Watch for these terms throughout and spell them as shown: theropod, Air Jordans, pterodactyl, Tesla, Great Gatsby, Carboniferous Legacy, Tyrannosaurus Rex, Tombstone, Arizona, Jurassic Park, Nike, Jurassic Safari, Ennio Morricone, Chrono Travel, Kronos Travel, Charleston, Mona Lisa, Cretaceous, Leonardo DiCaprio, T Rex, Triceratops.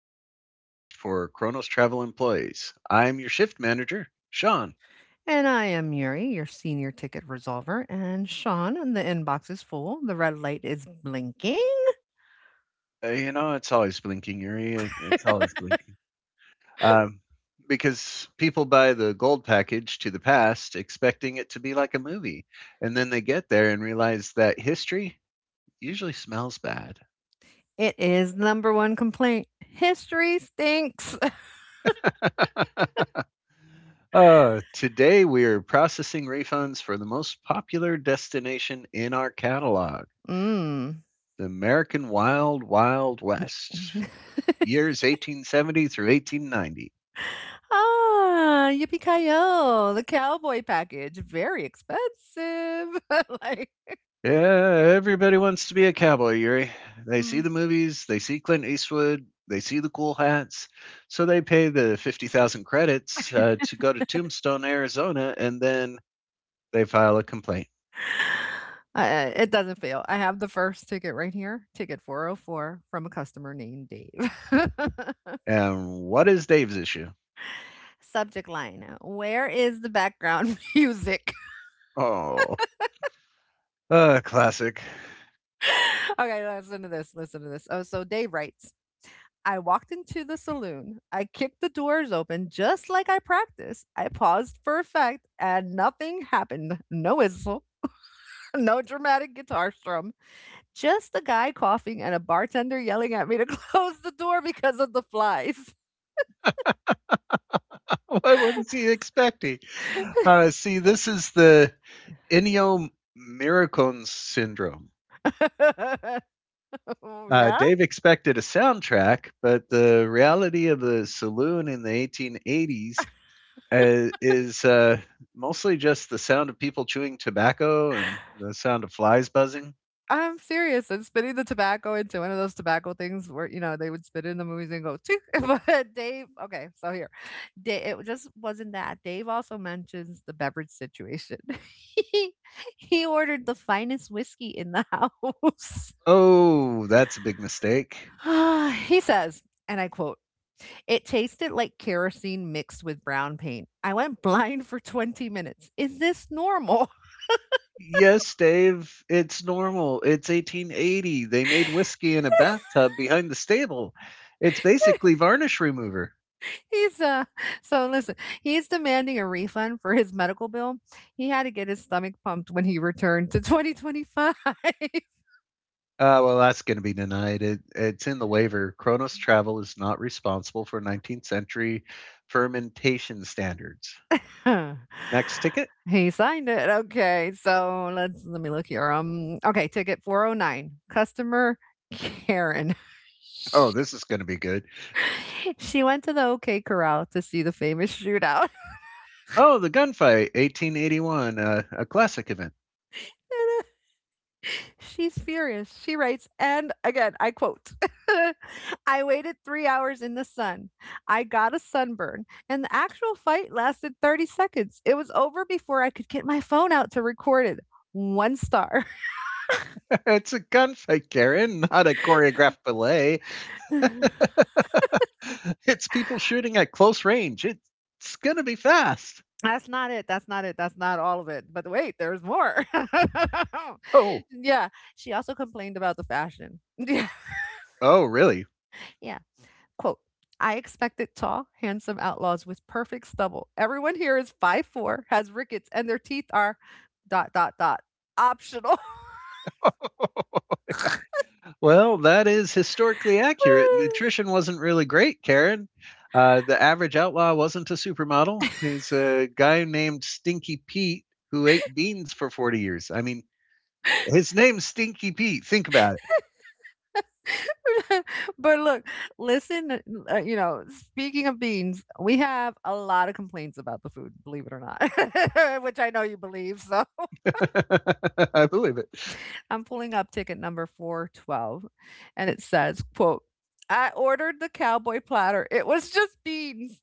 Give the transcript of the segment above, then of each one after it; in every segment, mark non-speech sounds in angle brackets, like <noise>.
internal podcast for Kronos Travel employees. I'm your shift manager, Sean. And I am Yuri, your senior ticket resolver. And Sean, the inbox is full. The red light is blinking. It's always blinking, Yuri. It's always blinking. Um, because people buy the gold package to the past expecting it to be like a movie. And then they get there and realize that history usually smells bad. It is number one complaint. History stinks. <laughs> <laughs> Today, we are processing refunds for the most popular destination in our catalog. Mm. The American Wild Wild West, <laughs> years 1870 through 1890. Ah, yippee ki the cowboy package. Very expensive. <laughs> Like, Yeah, everybody wants to be a cowboy, Yuri. They see mm. the movies, they see Clint Eastwood, they see the cool hats, so they pay the 50,000 credits to go to Tombstone, Arizona, and then they file a complaint. It doesn't fail. I have the first ticket right here, ticket 404 from a customer named Dave. <laughs> And what is Dave's issue? Subject line, where is the background <laughs> music? Oh, classic. <laughs> <laughs> Okay, listen to this. Listen to this. Oh, so Dave writes, I walked into the saloon. I kicked the doors open just like I practiced. I paused for effect and nothing happened. No whistle, <laughs> no dramatic guitar strum, just a guy coughing and a bartender yelling at me to <laughs> close the door because of the flies. What was he expecting? See, this is the Ennio Morricone syndrome. <laughs> Yeah? Dave expected a soundtrack, but the reality of the saloon in the 1880s is mostly just the sound of people chewing tobacco and the sound of flies buzzing. I'm serious, and spitting the tobacco into one of those tobacco things where, you know, they would spit it in the movies and go, "Tchoo." <laughs> But Dave, okay, so here. Da it just wasn't that. Dave also mentions the beverage situation. <laughs> He he ordered the finest whiskey in the <laughs> house. Oh, that's a big mistake. <sighs> He says, and I quote, "It tasted like kerosene mixed with brown paint. I went blind for 20 minutes. Is this normal?" Yes, Dave, it's normal. It's 1880. They made whiskey in a bathtub behind the stable. It's basically <laughs> varnish remover. He's <laughs> so listen, he's demanding a refund for his medical bill. He had to get his stomach pumped when he returned to 2025. Well, that's going to be denied. It's in the waiver. Kronos Travel is not responsible for 19th century fermentation standards. Next <laughs> ticket. He signed it. Okay. So let me look here. Okay, ticket 409. Customer Karen. Oh, this is going to be good. <laughs> She went to the OK Corral to see the famous shootout. Oh, the gunfight, 1881, a classic event. <laughs> She's furious. She writes, and again, I quote, <laughs> I waited 3 hours in the sun. I got a sunburn, and the actual fight lasted 30 seconds. It was over before I could get my phone out to record it. One star. <laughs> It's a gunfight, Karen, not a choreographed ballet. <laughs> That's <laughs> It's people shooting at close range. It's going to be fast. not it. That's not it. That's not all of it. But wait, there's more. Oh, <laughs> Yeah. She also complained about the fashion. <laughs> oh, really? Yeah. Quote, I expected tall, handsome outlaws with perfect stubble. Everyone here is 5'4", has rickets, and their teeth are dot dot dot optional. Well, that is historically accurate. Nutrition <laughs> wasn't really great, Karen. The average outlaw wasn't a supermodel. He's a guy named Stinky Pete who ate beans for 40 years. I mean, his name's Stinky Pete. Think about But look, listen, speaking of beans, we have a lot of complaints about the food, believe it or not, <laughs> which I know you believe. So it. <laughs> I believe it. <laughs> I'm pulling up ticket number 412 and it says, quote, I ordered the cowboy platter. It was just beans.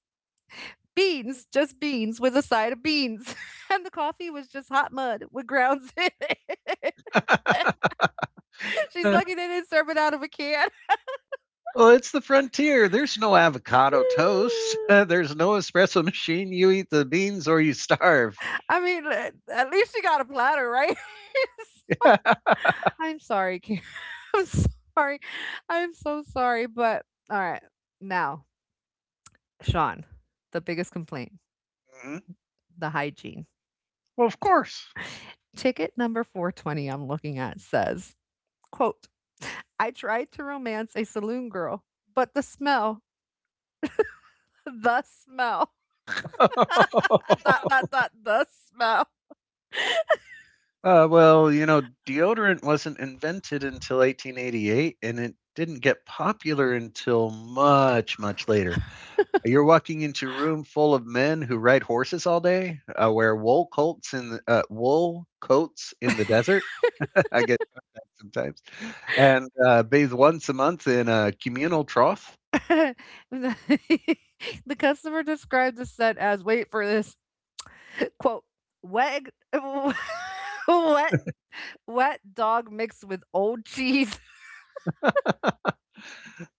Beans, just beans with a side of beans. <laughs> And the coffee was just hot mud with grounds in it. <laughs> <laughs> She's lucky they didn't serve it out of a can. Well, it's the frontier. There's no avocado toast. <laughs> There's <sighs> no espresso machine. You eat the beans or you starve. <laughs> <laughs> I mean, at least she got a platter, right? <laughs> I'm sorry, Karen. <laughs> I'm sorry. I'm so sorry, but all right. Now, Sean, the biggest complaint, Mhm. the hygiene. Well, of course. Ticket number 420, I'm looking at, says, quote, I tried to romance a saloon girl, but the smell, the smell. <laughs> <laughs> Dot dot dot the smell. Uh, well, you know, deodorant wasn't invented until 1888, and it didn't get popular until much, much later. You're walking into a room full of men who ride horses all day, wear wool coats in the, wool coats in the desert. <laughs> I guess sometimes, and bathe once a month in a communal trough. <laughs> The <laughs> the customer described the scent as, wait for this, <laughs> quote, wet egg- <laughs> wet wet dog mixed with old cheese. <laughs>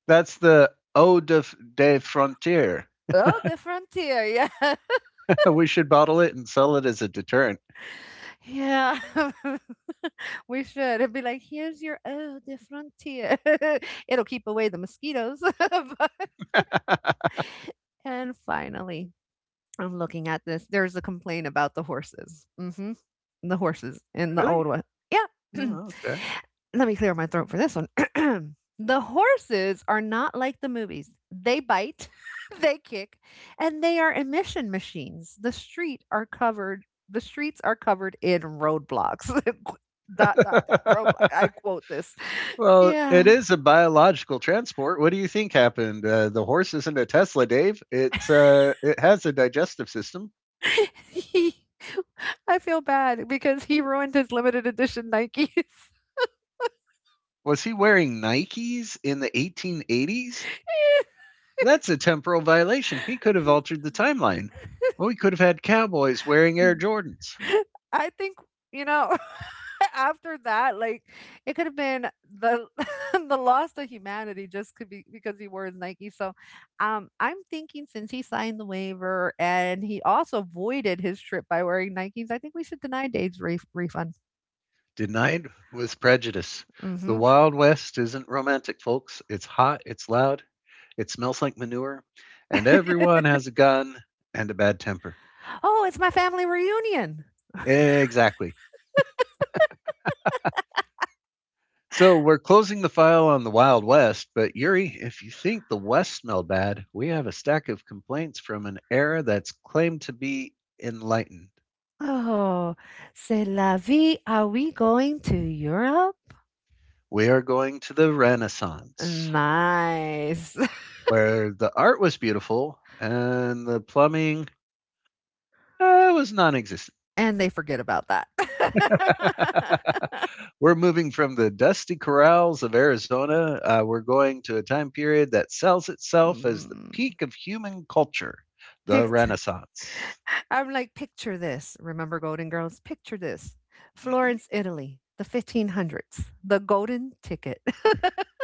That's the eau de, de frontier. Oh, the frontier, yeah, <laughs> We should bottle it and sell it as a deterrent. <laughs> <laughs> yeah. <laughs> We should. It'd be like, here's your, oh, the frontier. <laughs> It'll keep away the mosquitoes. <laughs> But and finally, I'm looking at this. There's a complaint about the horses. The horses in the Really? old one. Yeah. <clears throat> Oh, okay. Let me clear my throat for this one. <clears throat> The horses are not like the movies. They bite, <laughs> they kick, and they are emission machines. The street are covered. The streets are covered in roadblocks. <laughs> Dot dot dot roadblock. <laughs> I quote this. Well, it Yeah. is a biological transport. What do you think happened? The horse isn't a Tesla, Dave. It's it has a digestive system. <laughs> He. I feel bad because he ruined his limited edition Nikes. Was he wearing Nikes in the 1880s? That's a temporal violation. He could have altered the <laughs> timeline. Well, we could have had cowboys wearing Air Jordans. I think, you know, <laughs> after that, like, it could have been the <laughs> the loss of humanity, just could be because he wears Nike. So I'm thinking, since he signed the waiver and he also voided his trip by wearing Nikes, I think we should deny Dave's refund. Denied with prejudice. The hmm Wild West isn't romantic, folks. It's hot, it's loud, it smells like manure, and everyone has a gun and a bad temper. Oh, it's my family reunion. Exactly. So we're closing the file on the Wild West, but Yuri, if you think the West smelled bad, we have a stack of complaints from an era that's claimed to be enlightened. Oh, c'est la vie. Are we going to Europe? We are going to the Renaissance, Nice. <laughs> where the art was beautiful and the plumbing was non existent. And they forget about that. <laughs> <laughs> We're moving from the dusty corrals of Arizona. We're going to a time period that sells itself as the Mm. peak of human culture, the Picture Renaissance. I'm like, "Picture this." Remember Golden Girls? "Picture this. Florence, <laughs> Italy, the 1500s, the golden ticket." <laughs>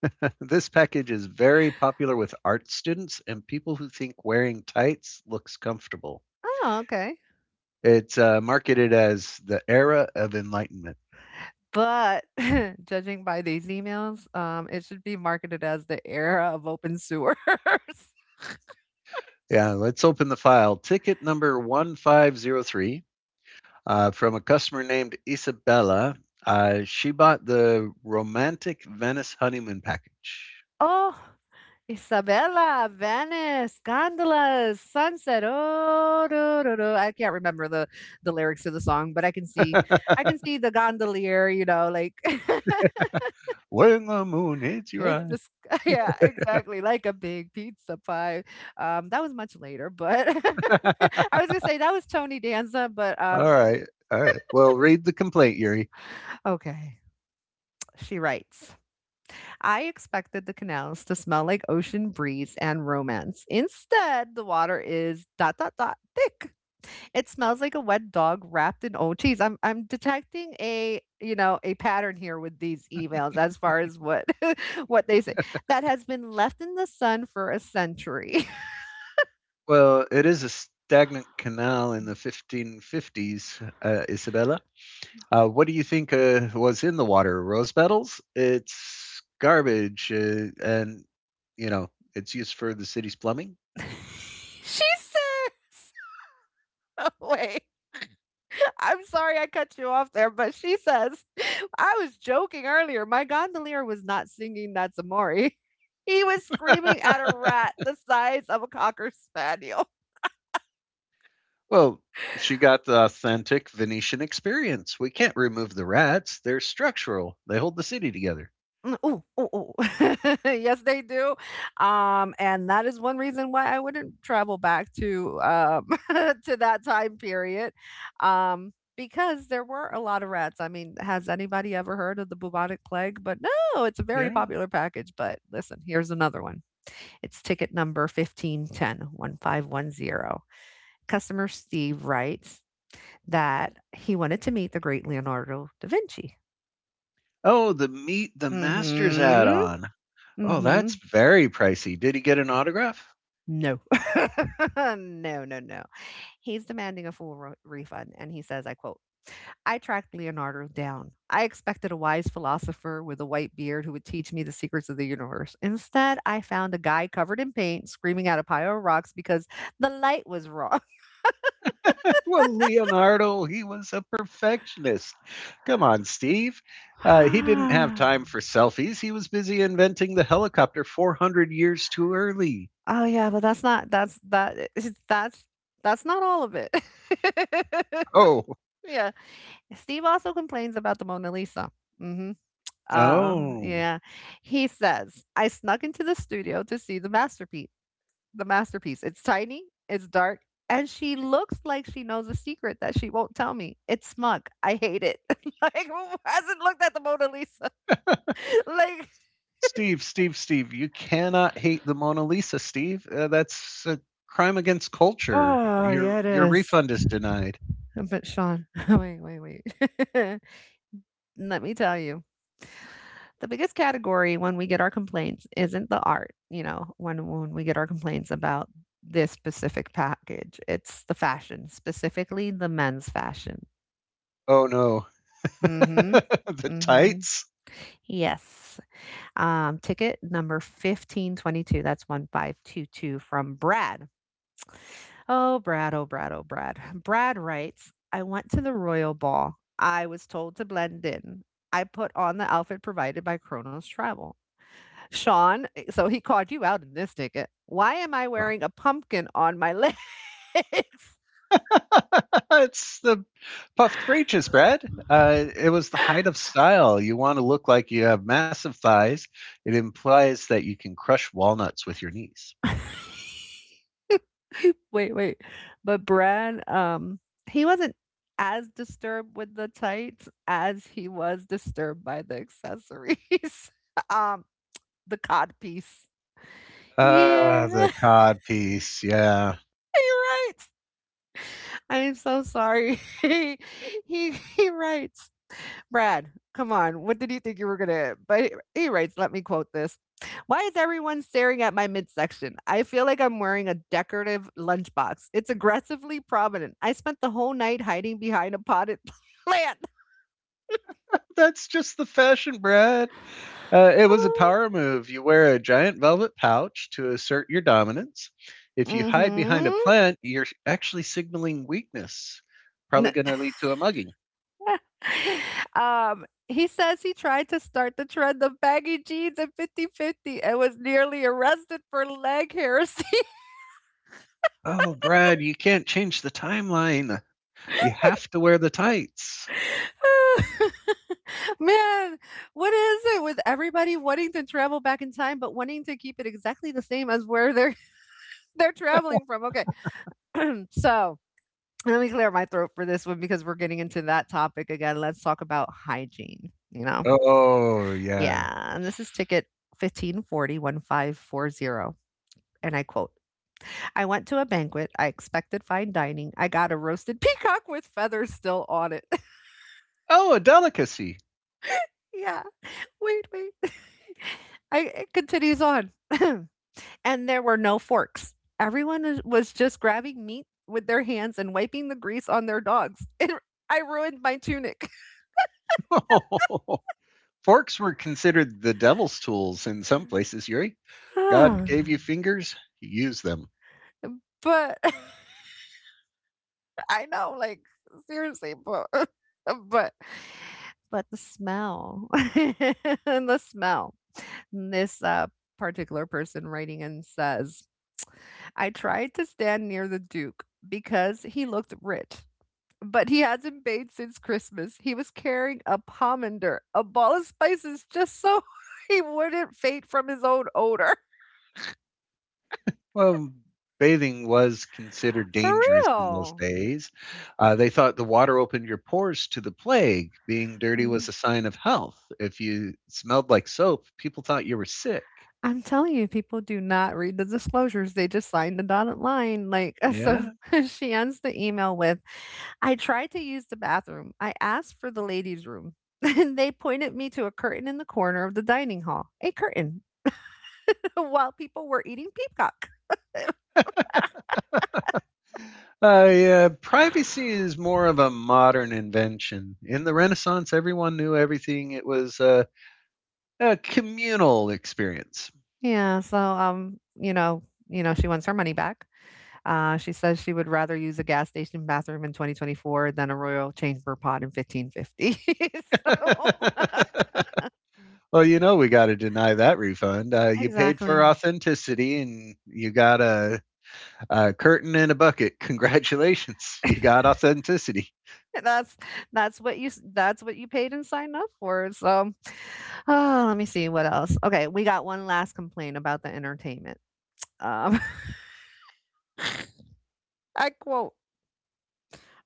<laughs> This package is very popular with art students and people who think wearing tights looks comfortable. Oh, okay. It's marketed as the Era of Enlightenment. But <laughs> judging by these emails, it should be marketed as the era of open sewers. <laughs> Yeah, let's open the file. Ticket number 1503 from a customer named Isabella. She bought the romantic Venice honeymoon package. Oh, Isabella, Venice, gondolas, sunset. Oh, do, do, do. I can't remember the lyrics of the song, but I can see, I can <laughs> see the gondolier. You know, like, When the moon hits <laughs> your it's eye. just <laughs> yeah, exactly like a big pizza pie. That was much later, but <laughs> <laughs> All I was gonna say that was Tony Danza, but um, right. All right. Well, read the complaint, Yuri. okay, she writes. I expected the canals to smell like ocean breeze and romance. Instead, the water is dot dot dot thick. It smells like a wet dog wrapped in old cheese. I'm detecting a a pattern here with these emails as far as what <laughs> what they say that has been left in the sun for a century. Well, it is a stagnant canal in the 1550s, Isabella. What do you think was in the water? Rose petals? It's garbage, and you know it's used for the city's plumbing. <laughs> She says. <laughs> Wait. I'm sorry I cut you off there, but she says, <laughs> "I was joking earlier. My gondolier was not singing That's Amore. <laughs> He was screaming <laughs> at a rat the size of a cocker spaniel." Well, she got the authentic Venetian experience. We can't remove the rats; they're structural. They hold the city together. Mm, ooh, ooh, ooh. <laughs> Yes, they do. And that is one reason why I wouldn't travel back to <laughs> to that time period. Because there were a lot of rats. I mean, has anybody ever heard of the bubonic plague? But no, it's a very Yeah. popular package. But listen, here's another one. It's ticket number 1510 1510. Customer Steve writes that he wanted to meet the great Leonardo da Vinci. Oh, the meet the masters Mm-hmm. add-on. Oh, Mm-hmm. that's very pricey. Did he get an autograph? No. <laughs> No, no, no. He's demanding a full refund, and he says, I quote, I tracked Leonardo down. I expected a wise philosopher with a white beard who would teach me the secrets of the universe. Instead, I found a guy covered in paint screaming at a pile of rocks because the light was wrong. Well, Leonardo, he was a perfectionist. Come on, Steve. He didn't have <gasps> <laughs> time <sighs> for selfies. He was busy inventing the helicopter 400 years too early. Oh, yeah, but that's not that's that <laughs> that's that's not all of it. <laughs> Oh, Yeah. Steve also complains about the Mona Lisa. Mhm. Oh, oh. yeah. He says, "I snuck into the studio to see the masterpiece. The masterpiece. It's tiny, it's dark, and she looks like she knows a secret that she won't tell me. It's smug. I hate it." <laughs> Like, who hasn't looked at the Mona Lisa? <laughs> Like, Steve, Steve, Steve, you cannot hate the Mona Lisa, Steve. That's a crime against culture. oh, Your yeah, it your is. refund is denied. But Sean, <laughs> wait, wait, wait. <laughs> Let me tell you. The biggest category when we get our complaints isn't the art, when we get our complaints about this specific package. It's the fashion, specifically the men's fashion. Oh no. <laughs> Mhm. The Mhm. tights. Yes. Ticket number 1522. That's 1522 from Brad. Oh, Brad, oh, Brad, oh, Brad. <sighs> Brad writes, I went to the Royal Ball. I was told to blend in. I put on the outfit provided by Kronos Travel. Sean, so he called you out in this ticket. Why am I wearing a pumpkin on my legs? <laughs> <laughs> It's the Puffed for ages, Brad. It was the height of style. You want to look like you have massive thighs. It implies that you can crush walnuts with your knees. Wait, wait. But Brad, he wasn't as disturbed with the tights as he was disturbed by the accessories. <laughs> um, the cod piece. Ah, the Yeah. cod piece. Yeah. He writes, I am so sorry. <laughs> he writes, Brad, come on, what did you think you were gonna? But he writes, let me quote this. Why is everyone staring at my midsection? I feel like I'm wearing a decorative lunchbox. It's aggressively prominent. I spent the whole night hiding behind a potted <laughs> plant. That's just the fashion, Brad. It was a <gasps> power move. You wear a giant velvet pouch to assert your dominance. If you hide behind a Mm-hmm. plant, you're actually signaling weakness. Probably <sighs> going <laughs> to lead to a mugging. He says he tried to start the trend of baggy jeans and fifty-fifty and was nearly arrested for leg heresy. Oh, Brad, you can't change the timeline. You have to wear the tights. <laughs> Man, what is it with everybody wanting to travel back in time, but wanting to keep it exactly the same as where they're <laughs> they're traveling from? Okay, <clears throat> so let me clear my throat for this one because we're getting into that topic again. Let's talk about hygiene. You know, Oh, yeah. yeah, and this is ticket fifteen forty one five four zero. And I quote, I went to a banquet. I expected fine dining. I got a roasted <laughs> peacock with feathers still on it. Oh, a delicacy. <laughs> Yeah. Wait, wait. <laughs> It continues on. <clears throat> And there were no forks. Everyone was just grabbing meat with their hands and wiping the grease on their dogs. <laughs> I ruined my tunic. <laughs> Forks were considered the devil's tools in some places, Yuri. <sighs> God But gave you fingers, you use them. <laughs> I know, like, seriously, but, <laughs> but, but the smell, <laughs> and the smell. This particular person writing in says, I tried to stand near the Duke because he looked rich. But he hasn't bathed since Christmas. He was carrying a pomander, a ball of spices just so <laughs> he wouldn't faint from his own odor. Well, bathing was considered For dangerous in those real. days. They thought the water opened your pores to the plague. Being dirty was Mhm. a sign of health. If you smelled like soap, people thought you were sick. I'm telling you, people do not read the disclosures. They just sign the dotted line. Like, <laughs> so Yeah. <laughs> she ends the email with, I tried to use the bathroom. I asked for the ladies' room. <laughs> And they pointed me to a curtain in the corner of the dining hall, a curtain, <laughs> while people were eating peacock. Yeah, privacy is more of a modern invention. In the Renaissance, everyone knew everything. It was a communal experience. Yeah, so, she wants her money back. She says she would rather use a gas station bathroom in 2024 than a royal chamber pot in 1550. <laughs> So. <laughs> Well, we got to deny that refund. You paid for Exactly. authenticity and you got a curtain and a bucket. Congratulations, <laughs> you <laughs> got authenticity. that's that's what you paid and signed up for, so. Oh, let me see what else. Okay, we got one last complaint about the entertainment. Um, <laughs> I quote,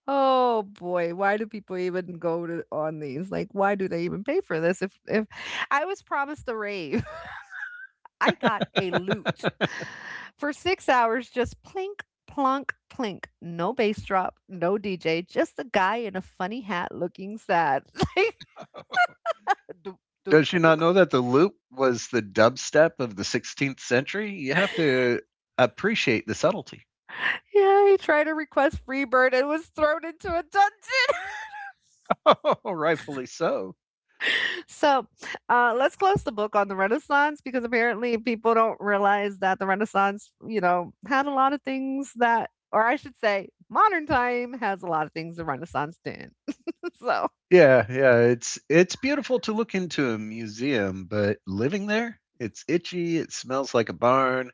"Oh boy, why do people even go to on these? Like, why do they even pay for this if I was promised a rave?" I got a lute <laughs> for 6 hours, just plink, plonk, plink. No bass drop, no DJ, just a guy in a funny hat looking sad. <laughs> Like, do, do, Does she do. not know that the loop was the dubstep of the 16th century? You have to appreciate the subtlety. Yeah, he tried to request Freebird and was thrown into a dungeon. <laughs> <laughs> Oh, rightfully so. So let's close the book on the Renaissance because apparently people don't realize that the Renaissance, had a lot of things that, or I should say, modern time has a lot of things the Renaissance didn't. <laughs> So. Yeah, yeah, it's beautiful to look into a museum, but living there, it's itchy, it smells like a barn,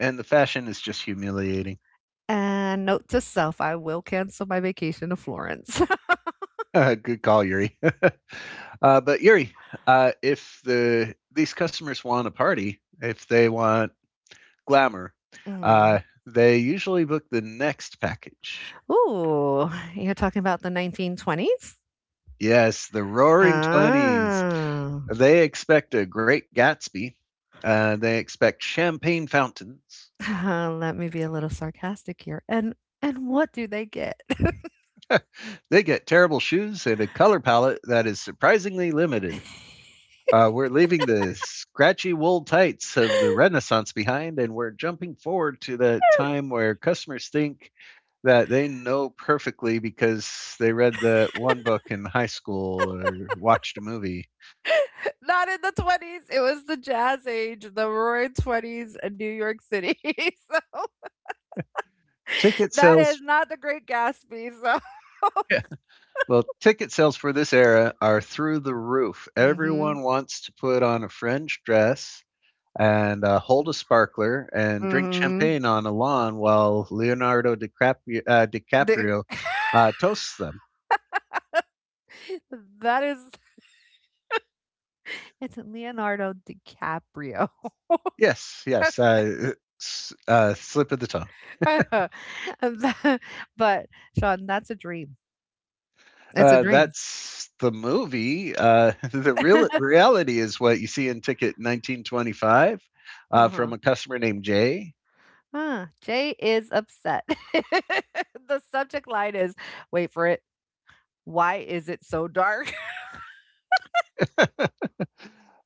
and the fashion is just humiliating. And note to self, I will cancel my vacation to Florence. <laughs> <laughs> Good call, Yuri. <laughs> But Yuri, if these customers want a party, if they want glamour, Mm. uh, they usually book the next package. Ooh, you're talking about the 1920s? Yes, the Roaring Twenties. Ah, They expect a Great Gatsby. They expect champagne fountains. <laughs> let me be a little sarcastic here. And what do they get? <laughs> <laughs> Not They get terrible shoes and a color palette that is surprisingly limited. We're leaving the scratchy wool tights of the Renaissance behind, and we're jumping forward to the time where customers think that they know perfectly because they read that one book in high school or watched a movie. in the 20s. It was the jazz age, the roaring 20s in New York City. <laughs> So Ticket that is sales, not the Great Gatsby. So. <laughs> yeah. Well, ticket sales for this era are through the roof. Mm. Everyone Mhm. wants to put on a fringe dress and hold a sparkler and drink Mm-hmm. Mhm. champagne on a lawn while The- DiCaprio <laughs> toasts them. that is It's Leonardo DiCaprio. <laughs> Yes, yes. Slip of the tongue. Tha but, Sean, that's a dream. It's a dream. <laughs> That's the movie. <laughs> The real reality is what you see in Ticket 1925 Uh-huh. from a customer named Jay. Ah, Jay is upset. <laughs> The subject line is, wait for it, "Why is it so dark?" <laughs> All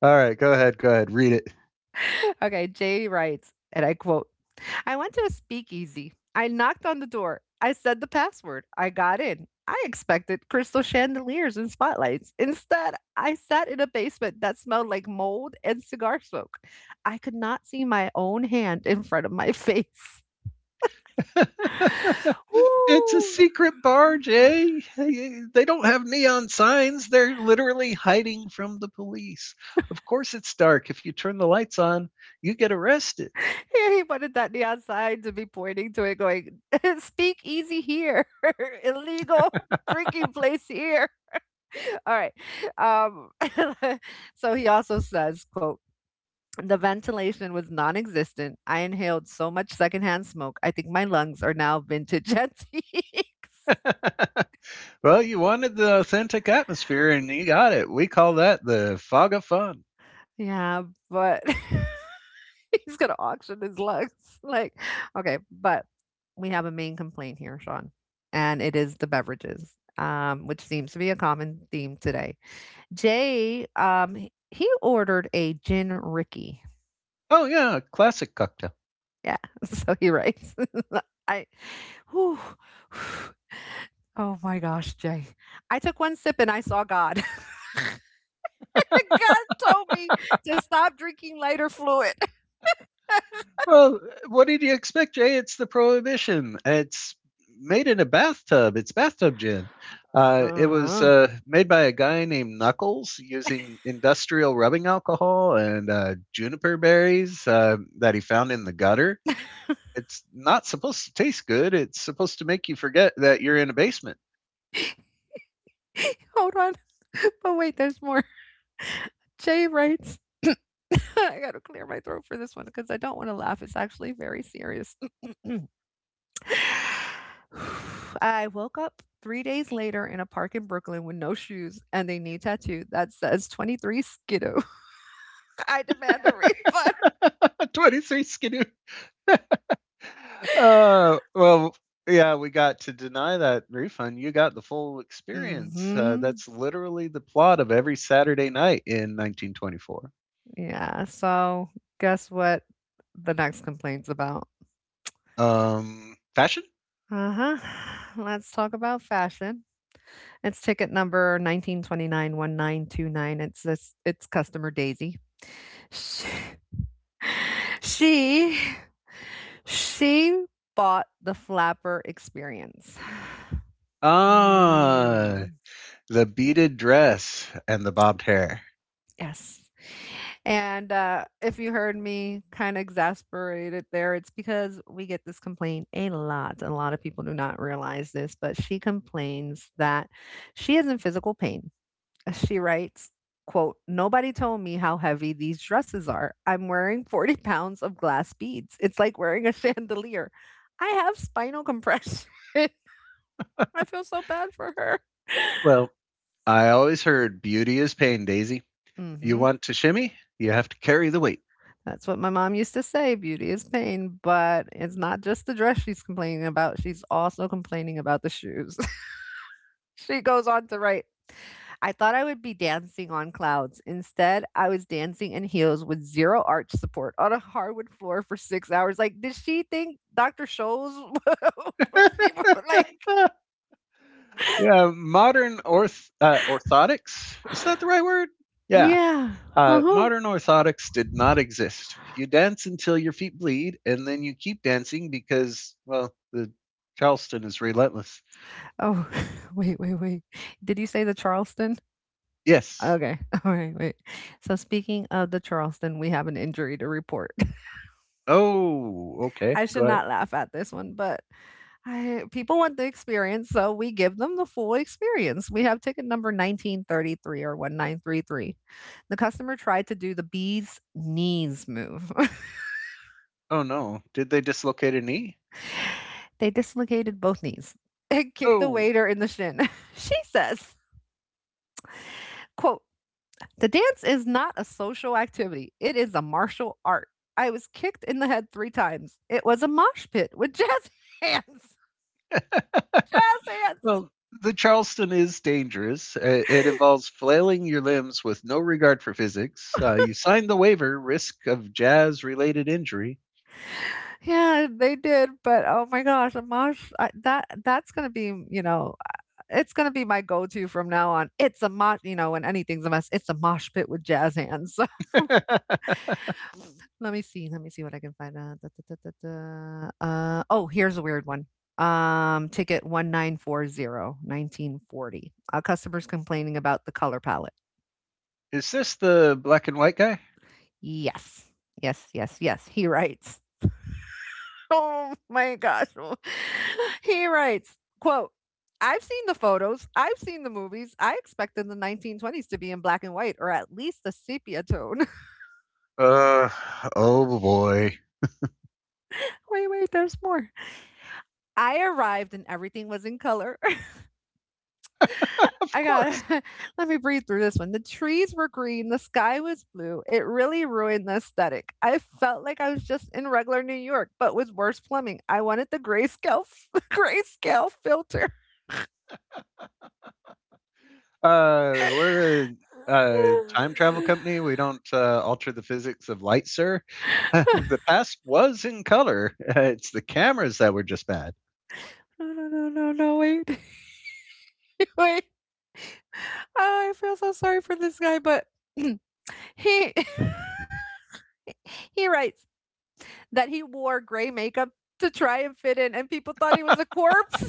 right, go ahead, read it. <laughs> Okay, Jay writes, and I quote, I went to a speakeasy. I knocked on the door. I said the password. I got in. I expected crystal chandeliers and spotlights. Instead, I sat in a basement that smelled like mold and cigar smoke. I could not see my own hand in front of my face. <laughs> <laughs> It's a Woo. secret bar, Jay. Hey, they don't have neon signs. They're literally hiding from the police. Of course, it's dark. If you turn the lights on, you get arrested. Yeah, he wanted that neon sign to be pointing to it, going, <laughs> "Speak easy here, <laughs> illegal drinking place here." <laughs> All right. Um, <laughs> so he also says, quote, the ventilation was non-existent. I inhaled so much secondhand smoke. I think my lungs are now vintage <laughs> antiques. <laughs> Well, you wanted the authentic atmosphere, and you got it. We call that the fog of fun. Yeah, but <laughs> he's gonna auction his lungs. <laughs> Like, okay, but we have a main complaint here, Sean, and it is the beverages, which seems to be a common theme today. Jay, he ordered a gin Ricky. Oh, yeah, classic cocktail. Yeah, <laughs> so he writes. <laughs> I Whew. Whew. Oh my gosh, Jay. I took one sip and I saw God. <laughs> God told me to stop drinking lighter fluid. <laughs> Well, what did you expect, Jay? It's the Prohibition. It's made in a bathtub. It's bathtub gin. Uh, it was Uh-huh. uh, made by a guy named Knuckles using industrial rubbing alcohol and juniper berries that he found in the gutter. It's not supposed to taste good. It's supposed to make you forget that you're in a basement. <laughs> Hold on. <laughs> But wait, there's more. Jay writes, <laughs> I gotta clear my throat for this one because I don't want to laugh. It's actually very serious. <sighs> <clears throat> I woke up 3 days later in a park in Brooklyn with no shoes and a knee tattoo that says 23 Skidoo. I demand a refund. <laughs> 23 Skidoo. Well, yeah, we got to deny that refund. You got the full experience. Mhm. That's literally the plot of every Saturday night in 1924. Yeah, so guess what the next complaint's about? Fashion? Uh-huh. <sighs> Let's talk about fashion. It's ticket number 1929 1929. It's customer Daisy. She <laughs> she, she bought the flapper experience. Ah, Mm. the beaded dress and the bobbed hair. Yes. And, if you heard me kinda exasperated there, it's because we get this complaint a lot. A lot of people do not realize this, but she complains that she is in physical pain. She writes, quote, "Nobody told me how heavy these dresses are. I'm wearing 40 pounds of glass beads. It's like wearing a <laughs> chandelier. I have spinal compression." <laughs> I feel so bad for her. <laughs> Well, I always heard beauty is pain, Daisy. You Mhm. want to shimmy? You have to carry the weight. That's what my mom used to say, "Beauty is pain," but it's not just the dress she's complaining about, she's also complaining about the shoes. <laughs> She goes on to write, "I thought I would be dancing on clouds. Instead, I was dancing in heels with zero arch support on a hardwood floor for 6 hours." Like, did she think Dr. Scholl's? <laughs> Was <laughs> she like? Yeah, modern orthotics. Is that the right word? Yeah, Yeah. Uh-huh. modern orthotics did not exist. You dance until your feet bleed, and then you keep dancing because, well, the Charleston is relentless. Oh, <laughs> wait, wait, wait. Did you say the Charleston? Yes. Okay. <laughs> All right. Wait. So speaking of the Charleston, we have an injury to report. Oh, <laughs> okay. I should Go ahead. not laugh at this one, but people want the experience, so we give them the full experience. We have ticket number 1933 or 1933. The customer tried to do the bee's knees move. Oh, no. Did they dislocate a knee? <laughs> They dislocated both knees and kicked the Oh, waiter in the shin. <laughs> She says, quote, the dance is not a social activity, it is a martial art. I was kicked in the head 3 times. It was a mosh pit with jazz <laughs> hands. Jazz hands. well, the Charleston is dangerous. It involves flailing your limbs with no regard for physics. You sign the waiver, risk of jazz related injury. Yeah, they did, but oh my gosh, a mosh I, that's gonna be, it's gonna be my go-to from now on. It's a mosh, when anything's a mess, it's a mosh pit with jazz hands. <laughs> <laughs> Let me see what I can find out. Da, da, da, da, da. Oh, here's a weird one. Ticket 1940, 1940. A customer's complaining about the color palette. Is this the black and white guy? Yes, yes, yes, yes. He writes. <laughs> Oh my gosh. <sighs> <laughs> He writes, quote, I've seen the photos. I've seen the movies. I expected the 1920s to be in black and white or at least a sepia tone. Uh, oh boy. <laughs> Wait, wait, there's more. I arrived and everything was in color. Of I got course. <laughs> let me breathe through this one. The trees were green, the sky was blue. It really ruined the aesthetic. I felt like I was just in regular New York, but with worse plumbing. I wanted the <laughs> grayscale filter. <sighs> We're a time travel company. We don't alter the physics of light, sir. <laughs> The past was in color. <laughs> It's the cameras that were just bad. No, no, no, no, no, wait, <laughs> wait. Oh, I feel so sorry for this guy, but <clears throat> he <laughs> he writes that he wore gray makeup to try and fit in, and people thought he was a corpse,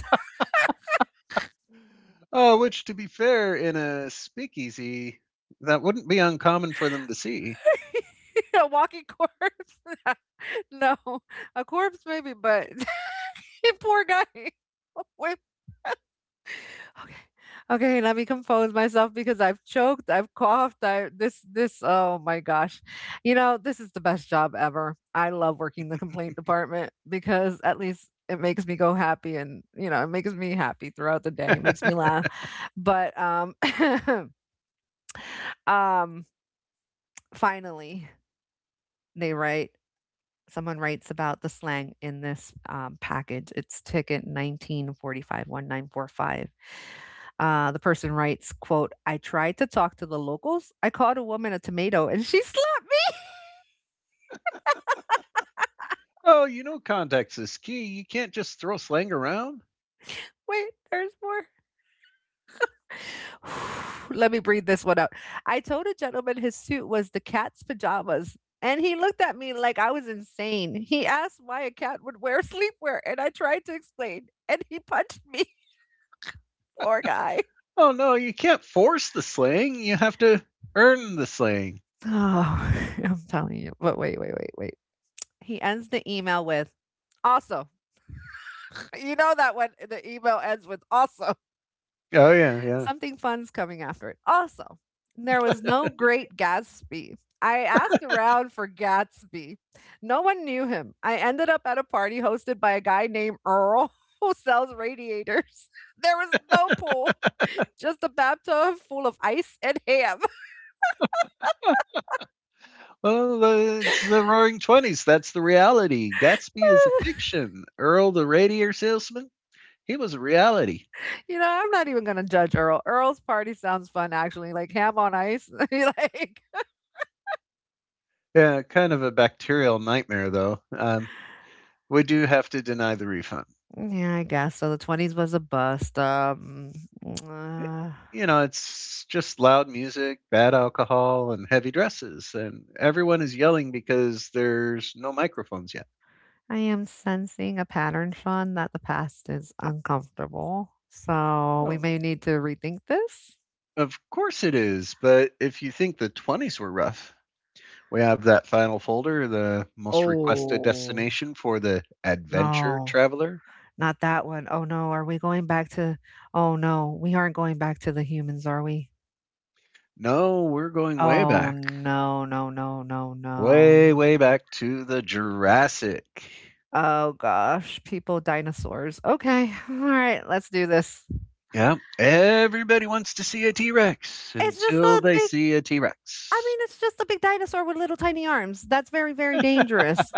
Oh, which, to be fair, in a speakeasy, that wouldn't be uncommon for them to see. <laughs> a walking corpse. <laughs> No, <laughs> a corpse maybe, but <laughs> poor guy. <laughs> Wait, okay, okay, let me compose myself because I've choked, I've coughed, I this this. Oh my gosh, you know this is the best job ever. I love working the complaint department because at least it makes me go happy, and you know it makes me happy throughout the day, it makes me <laughs> laugh. But <laughs> um, finally they write someone writes about the slang in this, package. It's ticket 1945 1945. The person writes, quote, "I tried to talk to the locals. I called a woman a tomato and she slapped me." Oh, you know, context is key. You can't just throw slang around. Wait, there's more. <sighs> Let me breathe this one out. "I told a gentleman his suit was the cat's pajamas, and he looked at me like I was insane. He asked why a cat would wear <laughs> sleepwear, and I tried to explain, and he punched me." <laughs> Poor guy. Oh, no, you can't force the slang. You have to earn the slang. Oh, <laughs> I'm telling you. But wait, wait, wait, wait. He ends the email with also. <laughs> You know that when the email ends with also, Oh, yeah, <laughs> yeah. something fun's coming after it. Also, there was no Great Gatsby. I asked around for Gatsby. No one knew him. I ended up at a party hosted by a guy named Earl <laughs> who sells radiators. <laughs> There was no pool, just a bathtub full of ice and ham. It's the Roaring Twenties. That's the reality. Gatsby is a <laughs> fiction. Earl, the radiator salesman, he was a reality. You know, I'm not even gonna judge Earl. Earl's party sounds fun, actually. Like ham on ice. <laughs> Like, Yeah, kind of a bacterial nightmare, though. We do have to deny the refund. yeah, I guess so. The 20s was a bust. Uh, You know, it's just loud music, bad alcohol, and heavy dresses, and everyone is yelling because there's no microphones yet. I am sensing a pattern, Sean, that the past is uncomfortable. So we Well, may need to rethink this. of course it is, but if you think the 20s were rough, we have that final folder, the most requested Oh destination for the adventure no, traveler. not that one. Oh no, are we going back to? Oh no, we aren't going back to the humans, are we? No, we're going way Oh back, no, no, no, no, way, no. way back to the Jurassic. Oh gosh, people dinosaurs. Okay. All right, let's do this. Yeah, everybody wants to see a T Rex It's just until a they big, see a T I Rex. mean, it's just a big dinosaur with little tiny arms. That's very, very dangerous.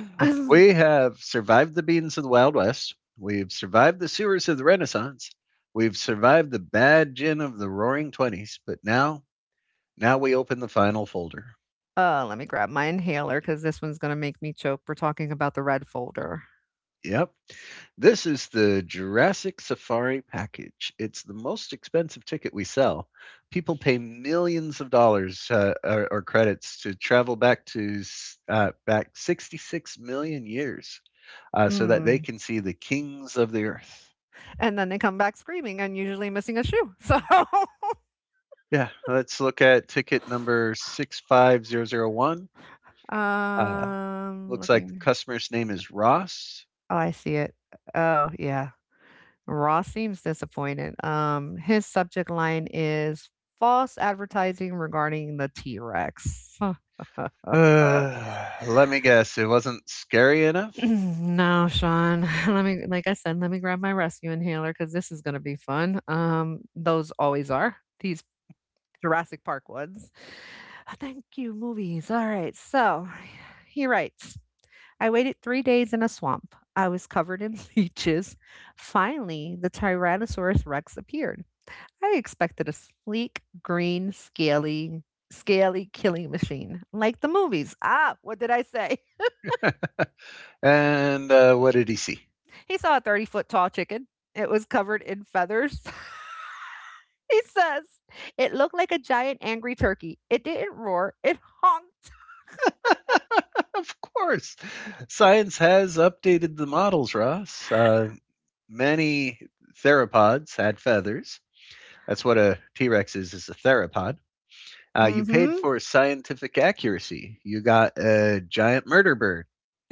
<laughs> uh, We have survived the beans of the Wild West. We've survived the sewers of the Renaissance. We've survived the bad gin of the Roaring Twenties, but now, now we open the final folder. let me grab my inhaler because this one's gonna make me choke. We're talking about the red folder. Yep. This is the Jurassic Safari package. It's the most expensive ticket we sell. People pay millions of dollars or credits to travel back to back 66 million years so that they Hmm. can see the kings of the earth. And then they come back screaming and usually missing a shoe. So Yeah, let's look at ticket <laughs> number 65001. Uh, Um, Looks like the looking. customer's name is Ross. Oh, I see it. Oh, yeah. Ross seems disappointed. His subject line is false advertising regarding the T Rex. <laughs> Let me guess, it wasn't scary enough. No, Sean. <laughs> Let me, like I said, let me grab my rescue inhaler because this is gonna be fun. Those always are these Jurassic Park ones. <sighs> Thank you, movies. All right, so <sighs> he writes. I waited 3 days in a swamp. I was covered in <laughs> leeches. Finally, the Tyrannosaurus Rex appeared. I expected a sleek, green, scaly, scaly killing machine, like the movies. Ah, what did I say? <laughs> And what did he see? He saw a 30-foot tall chicken. It was covered in feathers. <laughs> He says it looked like a giant angry turkey. It didn't roar, it honked. Of course. Science has updated the models, Ross. Many theropods had feathers. That's what a T Rex is a theropod. Mm You paid hmm. for scientific accuracy. You got a giant murder bird.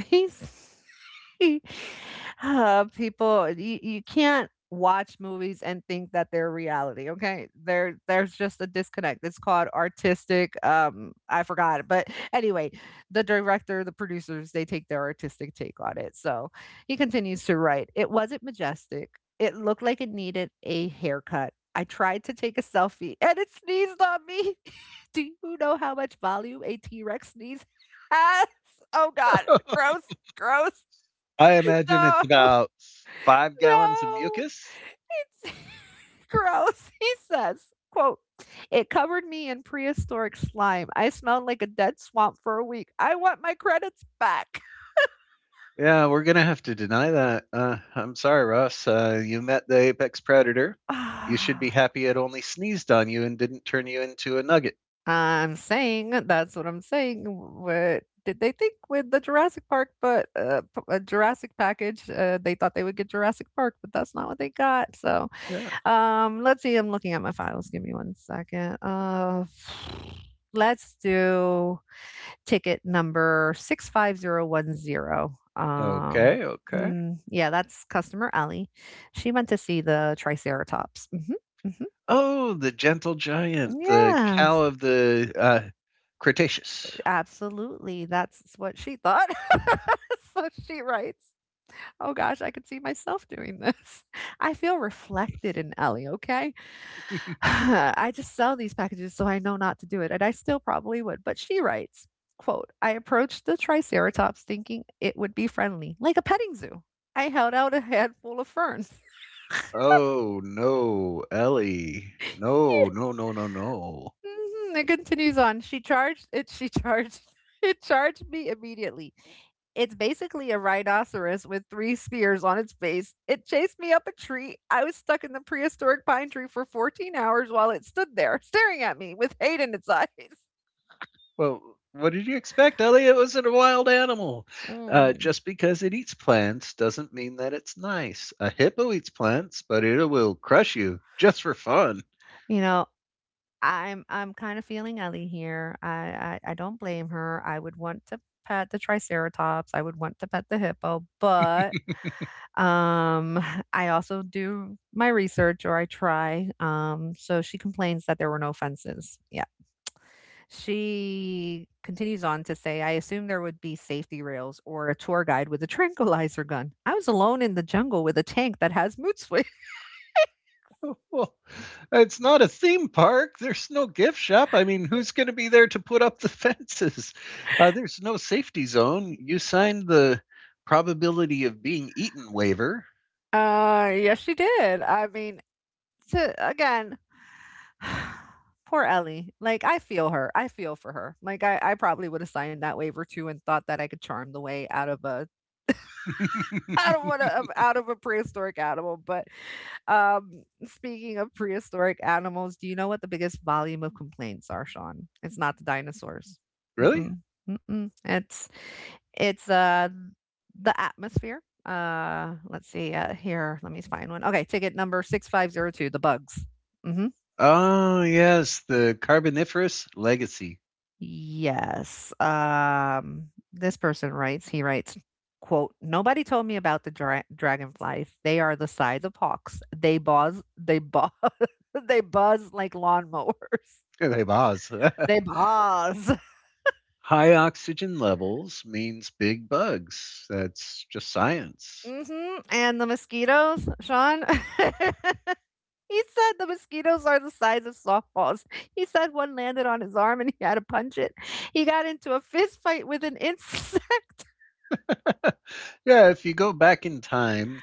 He's <laughs> people, you can't watch movies and think that they're reality. Okay, there's just a disconnect. It's called artistic. But anyway, the director, the producers, they take their artistic take on it. So he continues to write. It wasn't majestic. It looked like it needed a haircut. I tried to take a selfie and it sneezed on me. <laughs> Do you know how much volume a T Rex sneeze <laughs> has? Oh God. Gross, gross. I <laughs> imagine it's No, about 5 gallons of no. mucus. It's <laughs> gross. He says, quote, "It covered me in prehistoric slime. I smelled like a dead swamp for a week. I want my credits back." <sighs> Yeah, we're going to have to deny that. I'm sorry, Ross. You met the apex predator. You should be Ah! happy it only sneezed on you and didn't turn you into a nugget. I'm saying that's what I'm saying. What did they think with the Jurassic Park? But a Jurassic package, they thought they would get Jurassic Park, but that's not what they got. So Yeah. Let's see. I'm looking at my files. Give me one second. <sighs> Let's do ticket number 65010. Okay, okay. Yeah, that's customer Ellie. She went to see the Triceratops. Hmm hmm Oh, the gentle giant, the Yeah, cow of the, Cretaceous. absolutely. That's what she thought. <laughs> So she writes, oh gosh, I could see myself doing this. I feel reflected in Ellie, okay? <laughs> I just sell these packages so I know not to do it, and I still probably would. But she writes, quote, I approached the triceratops thinking it would be friendly, like a petting zoo. I held out a handful of ferns. Oh, no, Ellie. <laughs> No, no, no, no, no. Mhm, it continues on. She charged it, she charged <laughs> it charged me immediately. It's basically a rhinoceros with three spears on its face. It chased me up a tree. I was stuck in the prehistoric pine tree for 14 hours while it stood there, staring at me with hate in its eyes. Well, what did you expect, Ellie? It was a wild animal. Just <laughs> because it eats plants doesn't mean that it's nice. A hippo eats plants, but it will crush you just for fun. You know, I'm kind of feeling Ellie here. I don't blame her. I would want to pet the triceratops. I would want to pet the hippo, but um <laughs> <sighs> I also do my research or I try. So she complains that there were no fences. Yeah. She continues on to say, I assume there would be safety rails or a tour guide with a tranquilizer gun. I was alone in the jungle with a tank that has mood swings. <laughs> Well, it's not a theme park. There's no gift shop. I mean, who's going to be there to put up the <laughs> fences? There's no safety zone. You signed the probability of being eaten waiver. Yes, she did. I mean, to again, <sighs> poor Ellie. Like, I feel her. I feel for her. Like, I probably would have signed that waiver too and thought that I could charm the way out of a <laughs> <laughs> out of a prehistoric animal. But speaking of prehistoric animals, do you know what the biggest volume of complaints are, Sean? It's not the dinosaurs. really? Mm-mm. Mm-mm. It's the atmosphere. Let's see. Here, let me find one. Okay, ticket number 6502. The bugs. Mm-hmm. Oh, yes, the Carboniferous Legacy. <laughs> Yes. This person writes, quote, "Nobody told me about the dragonflies. They are the size of hawks. <laughs> They buzz like lawnmowers. <laughs> They Oz. They buzz." <laughs> High oxygen levels means big bugs. That's just science. hmm And the mosquitoes, Sean. <laughs> He said the mosquitoes are the size of softballs. He said one landed on his arm and he had to punch it. He got into a fist fight with an insect. <laughs> yeah, if you go back in time,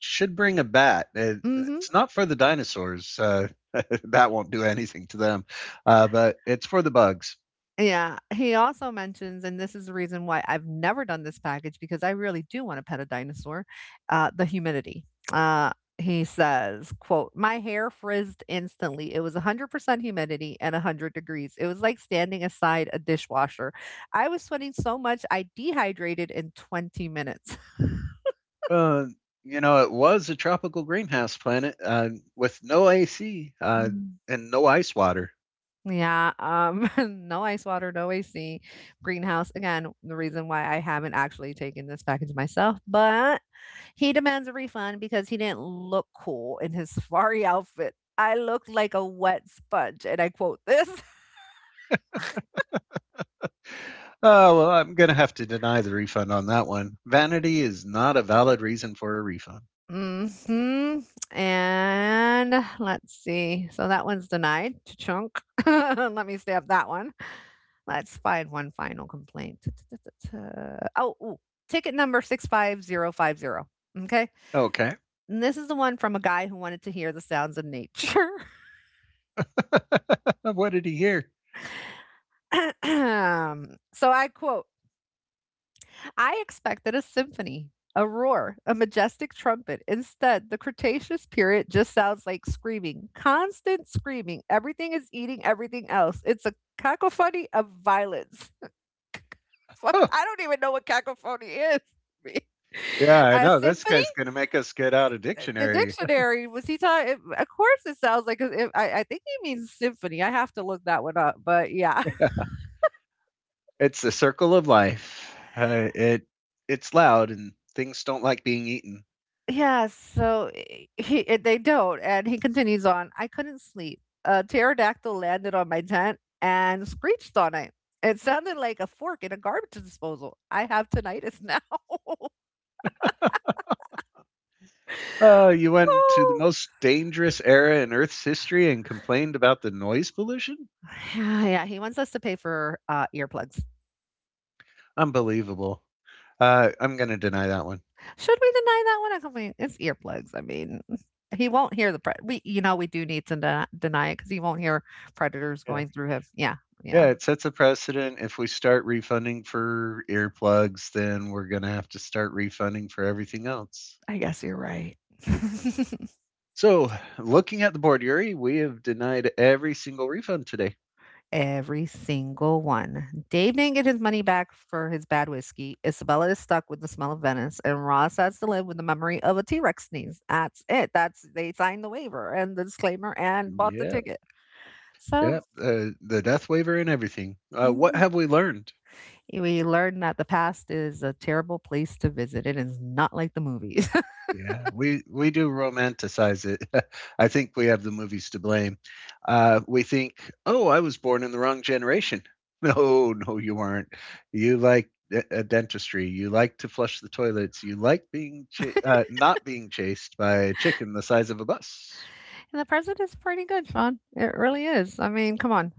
should bring a bat. <laughs> Hmm It's not for the dinosaurs. <laughs> That won't do anything to them, but it's for the bugs. Yeah, he also mentions, and this is the reason why I've never done this package because I really do want to pet a dinosaur, the humidity. Uh, he says, quote, my hair frizzed instantly. It was 100% humidity and 100 degrees. It was like standing aside a dishwasher. I was sweating so much, I dehydrated in 20 minutes. Uh, it was a tropical greenhouse planet with no AC Mm. and no ice water. Yeah, <laughs> no ice water, no AC, greenhouse. Again, the reason why I haven't actually taken this package myself, but he demands a refund because he didn't look cool in his <laughs> safari outfit. I looked like a wet sponge, and I quote this. Oh, well, I'm going to have to deny the refund on that one. Vanity is not a valid reason for a refund. <laughs> hmm And let's see. So that one's denied. Chunk. <laughs> Let me stamp that one. Let's find one final complaint. Ta-ta-ta-ta-ta. Oh, ooh, ticket number 65050. Okay. Okay. And this is the one from a guy who wanted to hear the sounds of nature. <laughs> what did he hear? <clears throat> So I quote, I expected a symphony, a roar, a majestic trumpet. Instead, the Cretaceous period just sounds like screaming, constant screaming. Everything is eating everything else. It's a cacophony of violence. <laughs> Fuck, Huh. I don't even know what cacophony is. <laughs> Yeah, I A know. This symphony? guy's going to make us get out a The dictionary. dictionary was he talking? Of course, it sounds like. I think he means symphony. I have to look that one up. But yeah, <laughs> It's a circle of life. It it's loud and things don't like being eaten. yeah, so eh, he eh, they don't, and he continues on, "I couldn't sleep. A pterodactyl landed on my tent and screeched all night. It sounded like a fork in a garbage disposal. I have tinnitus now." <laughs> You went to the Oh. most dangerous era in Earth's history and complained about the noise pollution? Yeah, yeah, he wants us to pay for earplugs. Unbelievable. I'm going to deny that one. Should we deny that one? I do mean, it's earplugs. I mean, he won't hear the pre- we, you know, we do need to deny it because he won't hear predators Yeah. going through him. Yeah, yeah. Yeah, it sets a precedent. If we start refunding for earplugs, then we're going to have to start refunding for everything else. I guess you're right. <laughs> So, looking at the board, Yuri, we have denied every single refund today. Every single one. Dave didn't get his money back for his bad whiskey. Isabella is stuck with the smell of Venice, and Ross has to live with the memory of a T Rex sneeze. That's it. That's they signed the waiver and the disclaimer and bought the Yeah. ticket. So Yeah, the death waiver and everything. What mhm. have we learned? We learn that the past is a terrible place to visit. It is not like the movies, Yeah, we do romanticize it. <laughs> I think we have the movies to blame. We think, oh, I was born in the wrong generation. <laughs> No, no, you weren't. You like dentistry. You like to flush the toilets. You like being not being chased by a chicken the size of a bus. <laughs> and the present is pretty good, Sean. It really is. I mean, come on,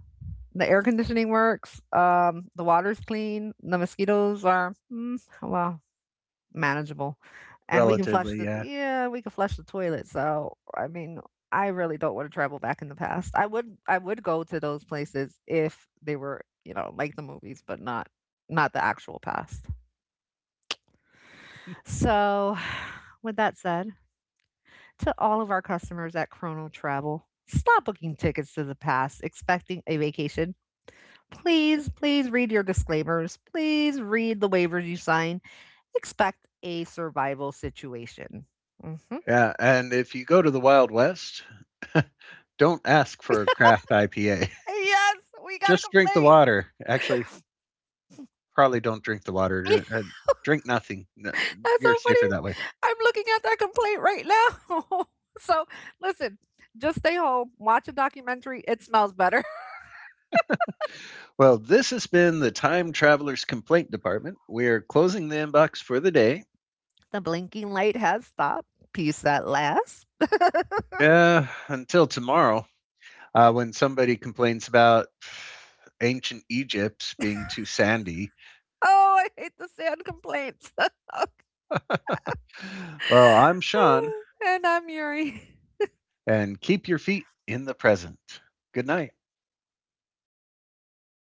the air conditioning works. The water's clean. The mosquitoes are mm, well. Manageable, and we can flush Relatively, the yeah, yeah, we can flush the toilet, so, I mean, I really don't wanna travel back in the past. I would go to those places if they were, you know, like the movies, but not the actual past. So, <sighs> with that said, to all of our customers at Chrono Travel, stop booking tickets to the past expecting a vacation. Please, please read your disclaimers. Please read the waivers you sign. Expect a survival situation. Mhm. yeah. And if you go to the Wild West, don't ask for a craft IPA. Yes, we <laughs> got a Just drink the complaint. water. Actually, probably don't drink the water. <laughs> Drink nothing. That's You're so safer that way. funny. I'm looking at that complaint right now. <laughs> So listen, just stay home, watch a documentary. It smells better. <laughs> Well, this has been the Time Traveler's Complaint Department. We're closing the inbox for the day. The blinking light has stopped. Peace at last. Until tomorrow, when somebody complains about ancient Egypt being too sandy. Oh, I hate the sand complaints. <sighs> Well, I'm Sean, <laughs> And I'm Yuri. <laughs> and keep your feet in the present. Good night.